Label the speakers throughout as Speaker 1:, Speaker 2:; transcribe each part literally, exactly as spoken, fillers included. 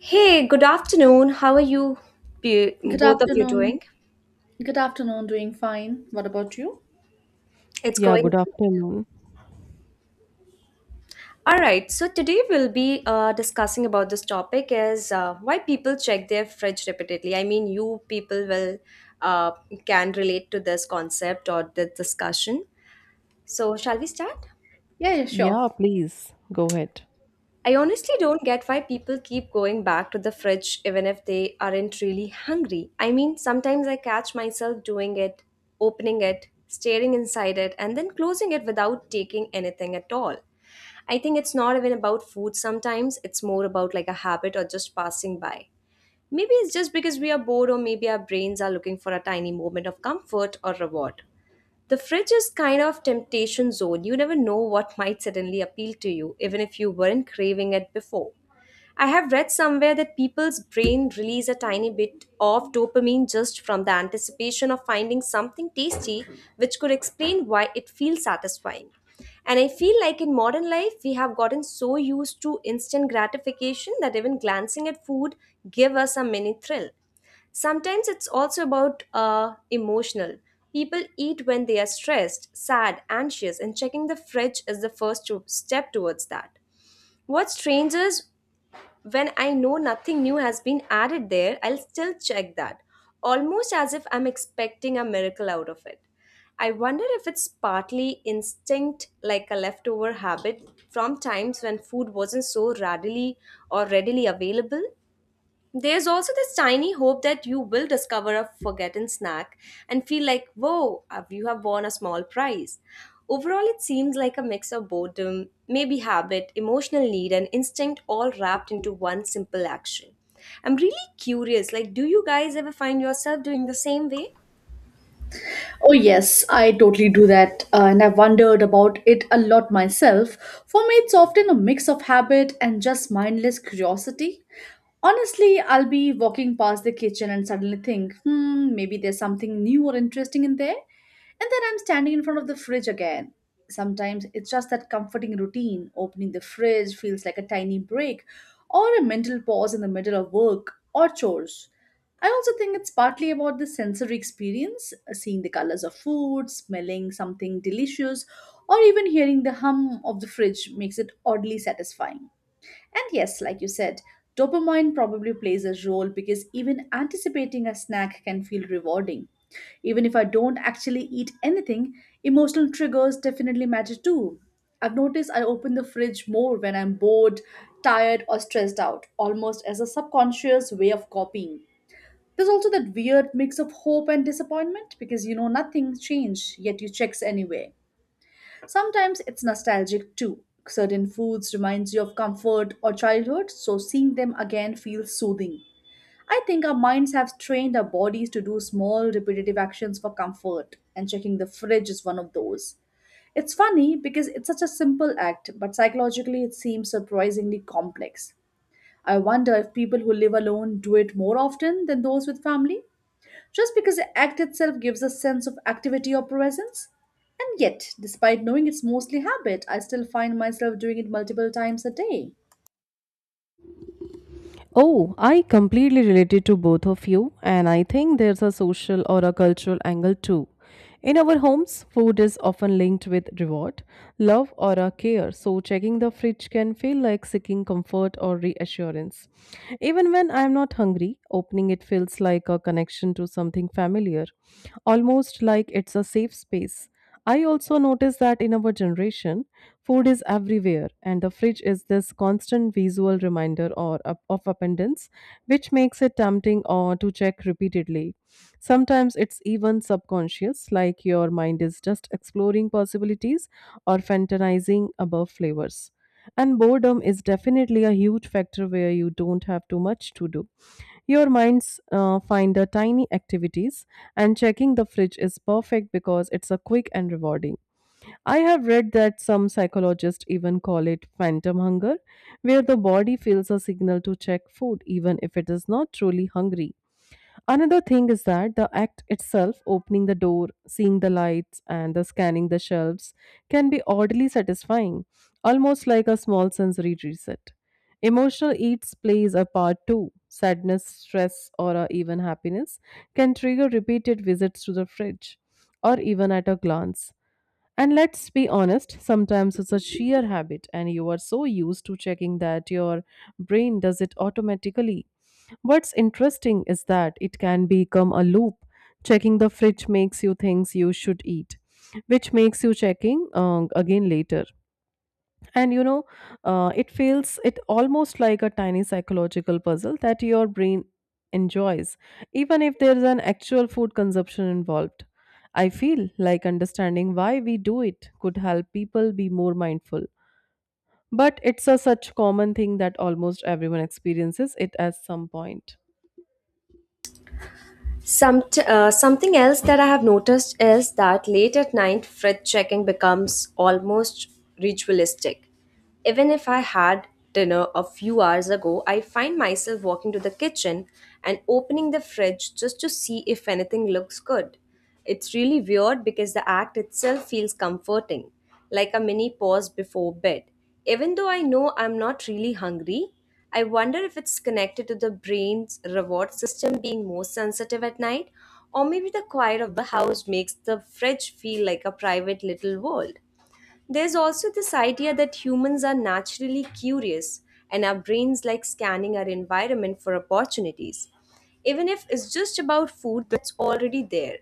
Speaker 1: Hey, good afternoon. How are you, be-
Speaker 2: Good
Speaker 1: both of you
Speaker 2: afternoon.
Speaker 1: doing?
Speaker 2: Good afternoon. Doing fine. What about you?
Speaker 1: It's
Speaker 3: Yeah,
Speaker 1: going
Speaker 3: good
Speaker 1: good.
Speaker 3: afternoon.
Speaker 1: All right. So today we'll be uh, discussing about this topic is uh, why people check their fridge repeatedly. I mean, you people will uh, can relate to this concept or the discussion. So shall we start?
Speaker 2: Yeah, yeah, sure.
Speaker 3: Yeah, please go ahead.
Speaker 1: I honestly don't get why people keep going back to the fridge even if they aren't really hungry. I mean, sometimes I catch myself doing it, opening it, staring inside it, and then closing it without taking anything at all. I think it's not even about food sometimes, it's more about like a habit or just passing by. Maybe it's just because we are bored, or maybe our brains are looking for a tiny moment of comfort or reward. The fridge is kind of temptation zone. You never know what might suddenly appeal to you, even if you weren't craving it before. I have read somewhere that people's brain release a tiny bit of dopamine just from the anticipation of finding something tasty, which could explain why it feels satisfying. And I feel like in modern life, we have gotten so used to instant gratification that even glancing at food give us a mini thrill. Sometimes it's also about uh, emotional. People eat when they are stressed, sad, anxious, and checking the fridge is the first to- step towards that. What strangers when I know nothing new has been added there, I'll still check that, almost as if I'm expecting a miracle out of it. I wonder if it's partly instinct, like a leftover habit from times when food wasn't so readily or readily available. There's also this tiny hope that you will discover a forgotten snack and feel like, whoa, uh, you have won a small prize. Overall, it seems like a mix of boredom, maybe habit, emotional need, and instinct all wrapped into one simple action. I'm really curious, like, do you guys ever find yourself doing the same way?
Speaker 2: Oh, yes, I totally do that. Uh, and I wondered about it a lot myself. For me, it's often a mix of habit and just mindless curiosity. Honestly, I'll be walking past the kitchen and suddenly think, hmm, maybe there's something new or interesting in there. And then I'm standing in front of the fridge again. Sometimes it's just that comforting routine. Opening the fridge feels like a tiny break or a mental pause in the middle of work or chores. I also think it's partly about the sensory experience, uh, seeing the colors of food, smelling something delicious, or even hearing the hum of the fridge makes it oddly satisfying. And yes, like you said, dopamine probably plays a role because even anticipating a snack can feel rewarding. Even if I don't actually eat anything, emotional triggers definitely matter too. I've noticed I open the fridge more when I'm bored, tired, or stressed out, almost as a subconscious way of copying. There's also that weird mix of hope and disappointment because you know nothing's changed, yet you checks anyway. Sometimes it's nostalgic too. Certain foods reminds you of comfort or childhood, so seeing them again feels soothing. I think our minds have trained our bodies to do small repetitive actions for comfort, and checking the fridge is one of those. It's funny because it's such a simple act, but psychologically it seems surprisingly complex. I wonder if people who live alone do it more often than those with family just because the act itself gives a sense of activity or presence. And yet, despite knowing it's mostly habit, I still find myself doing it multiple times a day.
Speaker 3: Oh, I completely related to both of you, and I think there's a social or a cultural angle too. In our homes, food is often linked with reward, love, or a care, so checking the fridge can feel like seeking comfort or reassurance. Even when I'm not hungry, opening it feels like a connection to something familiar, almost like it's a safe space. I also notice that in our generation, food is everywhere, and the fridge is this constant visual reminder or of of abundance, which makes it tempting or to check repeatedly. Sometimes it's even subconscious, like your mind is just exploring possibilities or fantasizing about flavors. And boredom is definitely a huge factor where you don't have too much to do. Your minds uh, find the tiny activities, and checking the fridge is perfect because it's a quick and rewarding. I have read that some psychologists even call it phantom hunger, where the body feels a signal to check food even if it is not truly hungry. Another thing is that the act itself, opening the door, seeing the lights, and the scanning the shelves, can be oddly satisfying, almost like a small sensory reset. Emotional eats plays a part too. Sadness, stress, or uh, even happiness can trigger repeated visits to the fridge or even at a glance. And let's be honest, sometimes it's a sheer habit, and you are so used to checking that your brain does it automatically. What's interesting is that it can become a loop. Checking the fridge makes you things you should eat, which makes you checking um, again later, and you know uh, it feels it almost like a tiny psychological puzzle that your brain enjoys, even if there is an actual food consumption involved. I feel like understanding why we do it could help people be more mindful, but it's a such common thing that almost everyone experiences it at some point.
Speaker 1: Some uh, something else that I have noticed is that late at night, fridge checking becomes almost ritualistic. Even if I had dinner a few hours ago, I find myself walking to the kitchen and opening the fridge just to see if anything looks good. It's really weird because the act itself feels comforting, like a mini pause before bed. Even though I know I'm not really hungry, I wonder if it's connected to the brain's reward system being more sensitive at night, or maybe the quiet of the house makes the fridge feel like a private little world. There's also this idea that humans are naturally curious and our brains like scanning our environment for opportunities, even if it's just about food that's already there.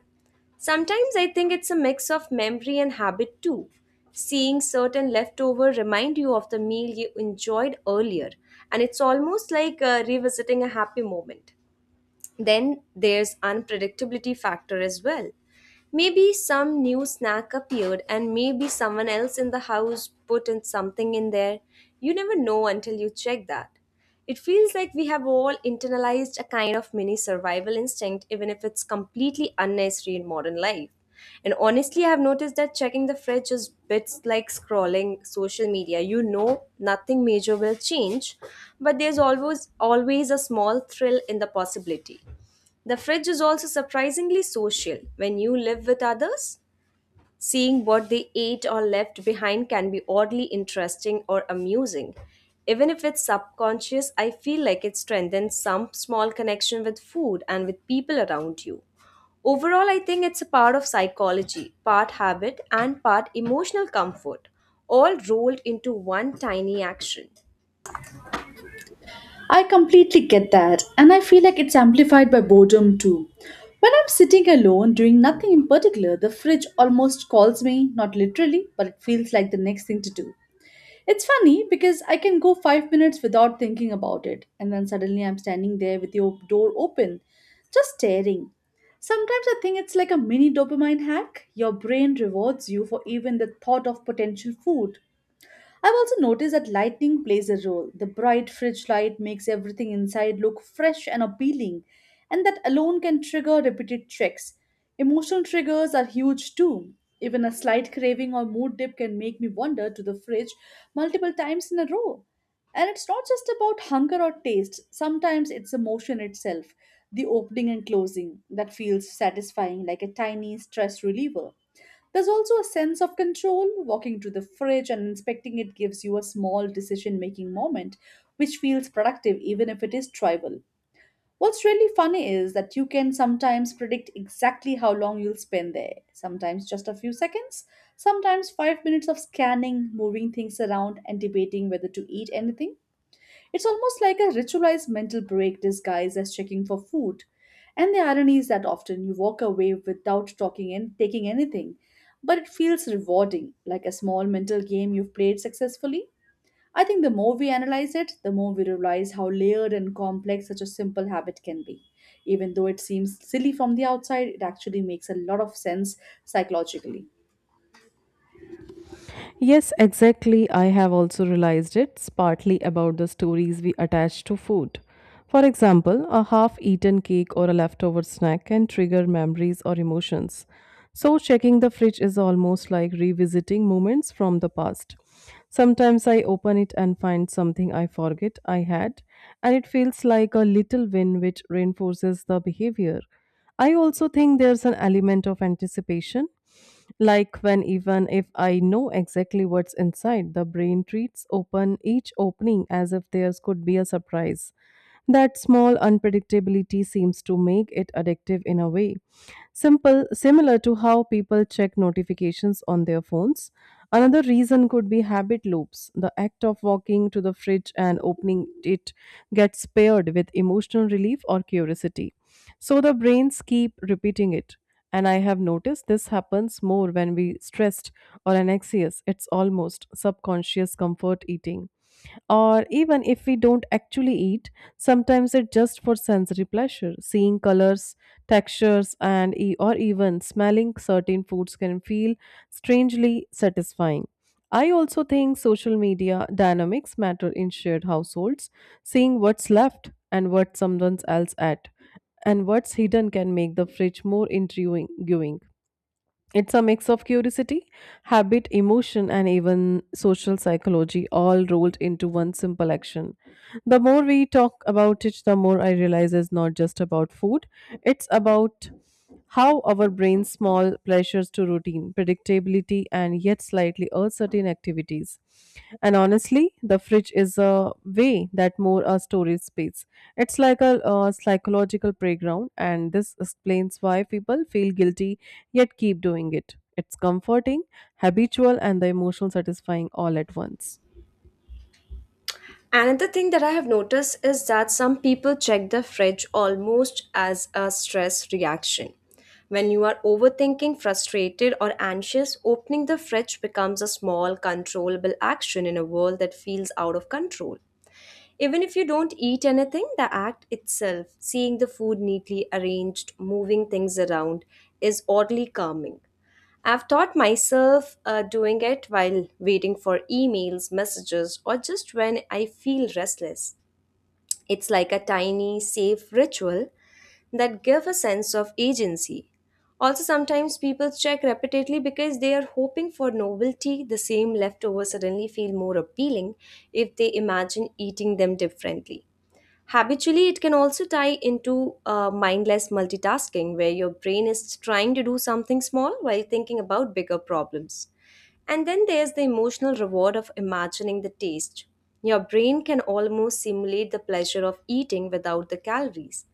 Speaker 1: Sometimes I think it's a mix of memory and habit too. Seeing certain leftover remind you of the meal you enjoyed earlier, and it's almost like uh, revisiting a happy moment. Then there's unpredictability factor as well. Maybe some new snack appeared and maybe someone else in the house put in something in there. You never know until you check that. It feels like we have all internalized a kind of mini survival instinct even if it's completely unnecessary in modern life. And honestly, I've noticed that checking the fridge is bits like scrolling social media. You know, nothing major will change, but there's always always a small thrill in the possibility. The fridge is also surprisingly social when you live with others. Seeing what they ate or left behind can be oddly interesting or amusing. Even if it's subconscious, I feel like it strengthens some small connection with food and with people around you. Overall, I think it's a part of psychology, part habit, and part emotional comfort, all rolled into one tiny action.
Speaker 2: I completely get that, and I feel like it's amplified by boredom too. When I'm sitting alone doing nothing in particular, the fridge almost calls me, not literally, but it feels like the next thing to do. It's funny because I can go five minutes without thinking about it, and then suddenly I'm standing there with your door open, just staring. Sometimes I think it's like a mini dopamine hack. Your brain rewards you for even the thought of potential food. I've also noticed that lighting plays a role. The bright fridge light makes everything inside look fresh and appealing, and that alone can trigger repeated checks. Emotional triggers are huge too. Even a slight craving or mood dip can make me wander to the fridge multiple times in a row. And it's not just about hunger or taste, sometimes it's emotion itself, the opening and closing that feels satisfying like a tiny stress reliever. There's also a sense of control. Walking to the fridge and inspecting it gives you a small decision making moment, which feels productive even if it is trivial. What's really funny is that you can sometimes predict exactly how long you'll spend there, sometimes just a few seconds, sometimes five minutes of scanning, moving things around, and debating whether to eat anything. It's almost like a ritualized mental break disguised as checking for food. And the irony is that often you walk away without talking and taking anything, but it feels rewarding, like a small mental game you've played successfully. I think the more we analyze it, the more we realize how layered and complex such a simple habit can be. Even though it seems silly from the outside, it actually makes a lot of sense psychologically.
Speaker 3: Yes, exactly. I have also realized it's partly about the stories we attach to food. For example, a half eaten cake or a leftover snack can trigger memories or emotions. So, checking the fridge is almost like revisiting moments from the past. Sometimes I open it and find something I forget I had, and it feels like a little win which reinforces the behavior. I also think there's an element of anticipation. Like when even if I know exactly what's inside, the brain treats open each opening as if theirs could be a surprise. That small unpredictability seems to make it addictive in a way. Simple similar to how people check notifications on their phones. Another reason could be habit loops. The act of walking to the fridge and opening it gets paired with emotional relief or curiosity. So the brains keep repeating it. And I have noticed this happens more when we stressed or anxious. It's almost subconscious comfort eating. Or even if we don't actually eat, sometimes it's just for sensory pleasure. Seeing colors, textures, and e- or even smelling certain foods can feel strangely satisfying. I also think social media dynamics matter in shared households, seeing what's left and what someone else ate and what's hidden can make the fridge more intriguing. It's a mix of curiosity, habit, emotion, and even social psychology all rolled into one simple action. The more we talk about it, the more I realize it's not just about food, it's about how our brain's small pleasures to routine, predictability, and yet slightly uncertain activities. And honestly, the fridge is a way that more a storage space. It's like a, uh psychological playground, and this explains why people feel guilty yet keep doing it. It's comforting, habitual, and the emotional satisfying all at once.
Speaker 1: Another thing that I have noticed is that some people check the fridge almost as a stress reaction. When you are overthinking, frustrated, or anxious, opening the fridge becomes a small, controllable action in a world that feels out of control. Even if you don't eat anything, the act itself, seeing the food neatly arranged, moving things around, is oddly calming. I've taught myself uh, doing it while waiting for emails, messages, or just when I feel restless. It's like a tiny, safe ritual that gives a sense of agency. Also, sometimes people check repeatedly because they are hoping for novelty. The same leftovers suddenly feel more appealing if they imagine eating them differently. Habitually, it can also tie into uh, mindless multitasking, where your brain is trying to do something small while thinking about bigger problems. And then there's the emotional reward of imagining the taste. Your brain can almost simulate the pleasure of eating without the calories.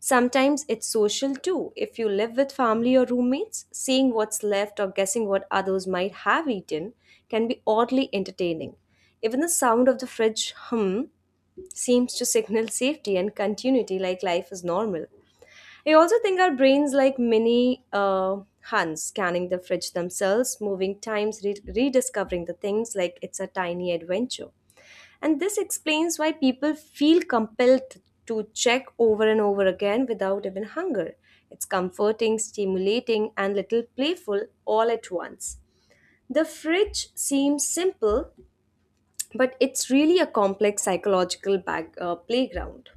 Speaker 1: Sometimes it's social too. If you live with family or roommates, seeing what's left or guessing what others might have eaten can be oddly entertaining. Even the sound of the fridge hum seems to signal safety and continuity like life is normal. I also think our brains like mini uh, Huns scanning the fridge themselves, moving times, re- rediscovering the things like it's a tiny adventure. And this explains why people feel compelled to check over and over again without even hunger. It's comforting, stimulating, and little playful all at once. The fridge seems simple, but it's really a complex psychological back, uh, playground.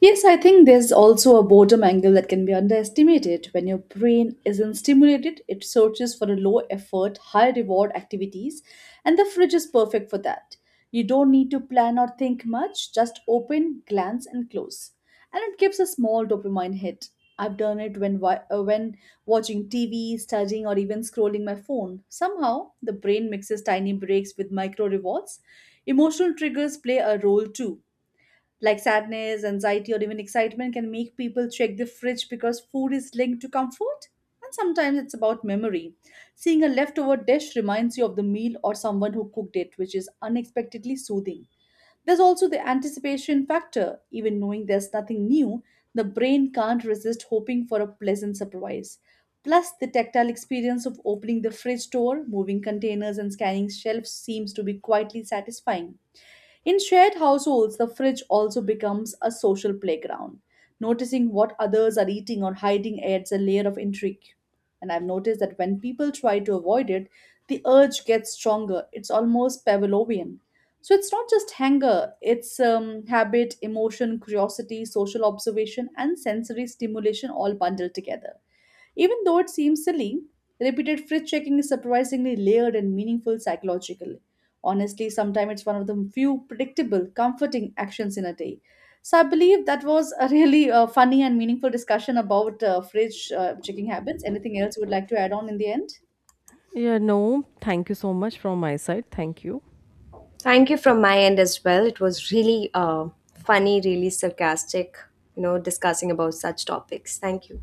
Speaker 2: Yes, I think there's also a boredom angle that can be underestimated. When your brain isn't stimulated, it searches for a low effort, high reward activities, and the fridge is perfect for that. You don't need to plan or think much, just open, glance, and close. And it gives a small dopamine hit. I've done it when, wa- uh, when watching T V, studying, or even scrolling my phone. Somehow, the brain mixes tiny breaks with micro rewards. Emotional triggers play a role too like sadness, anxiety, or even excitement can make people check the fridge because food is linked to comfort. And sometimes it's about memory. Seeing a leftover dish reminds you of the meal or someone who cooked it, which is unexpectedly soothing. There's also the anticipation factor. Even knowing there's nothing new, the brain can't resist hoping for a pleasant surprise. Plus, the tactile experience of opening the fridge door, moving containers, and scanning shelves seems to be quietly satisfying. In shared households, the fridge also becomes a social playground. Noticing what others are eating or hiding adds a layer of intrigue. And I've noticed that when people try to avoid it, the urge gets stronger. It's almost Pavlovian. So it's not just hunger, it's um, habit, emotion, curiosity, social observation, and sensory stimulation all bundled together. Even though it seems silly, repeated fridge checking is surprisingly layered and meaningful psychologically. Honestly, sometimes it's one of the few predictable, comforting actions in a day. So I believe that was a really uh, funny and meaningful discussion about uh, fridge uh, checking habits. Anything else you would like to add on in the end?
Speaker 3: Yeah, no, thank you so much from my side. Thank you.
Speaker 1: Thank you from my end as well. It was really uh, funny, really sarcastic, you know, discussing about such topics. Thank you.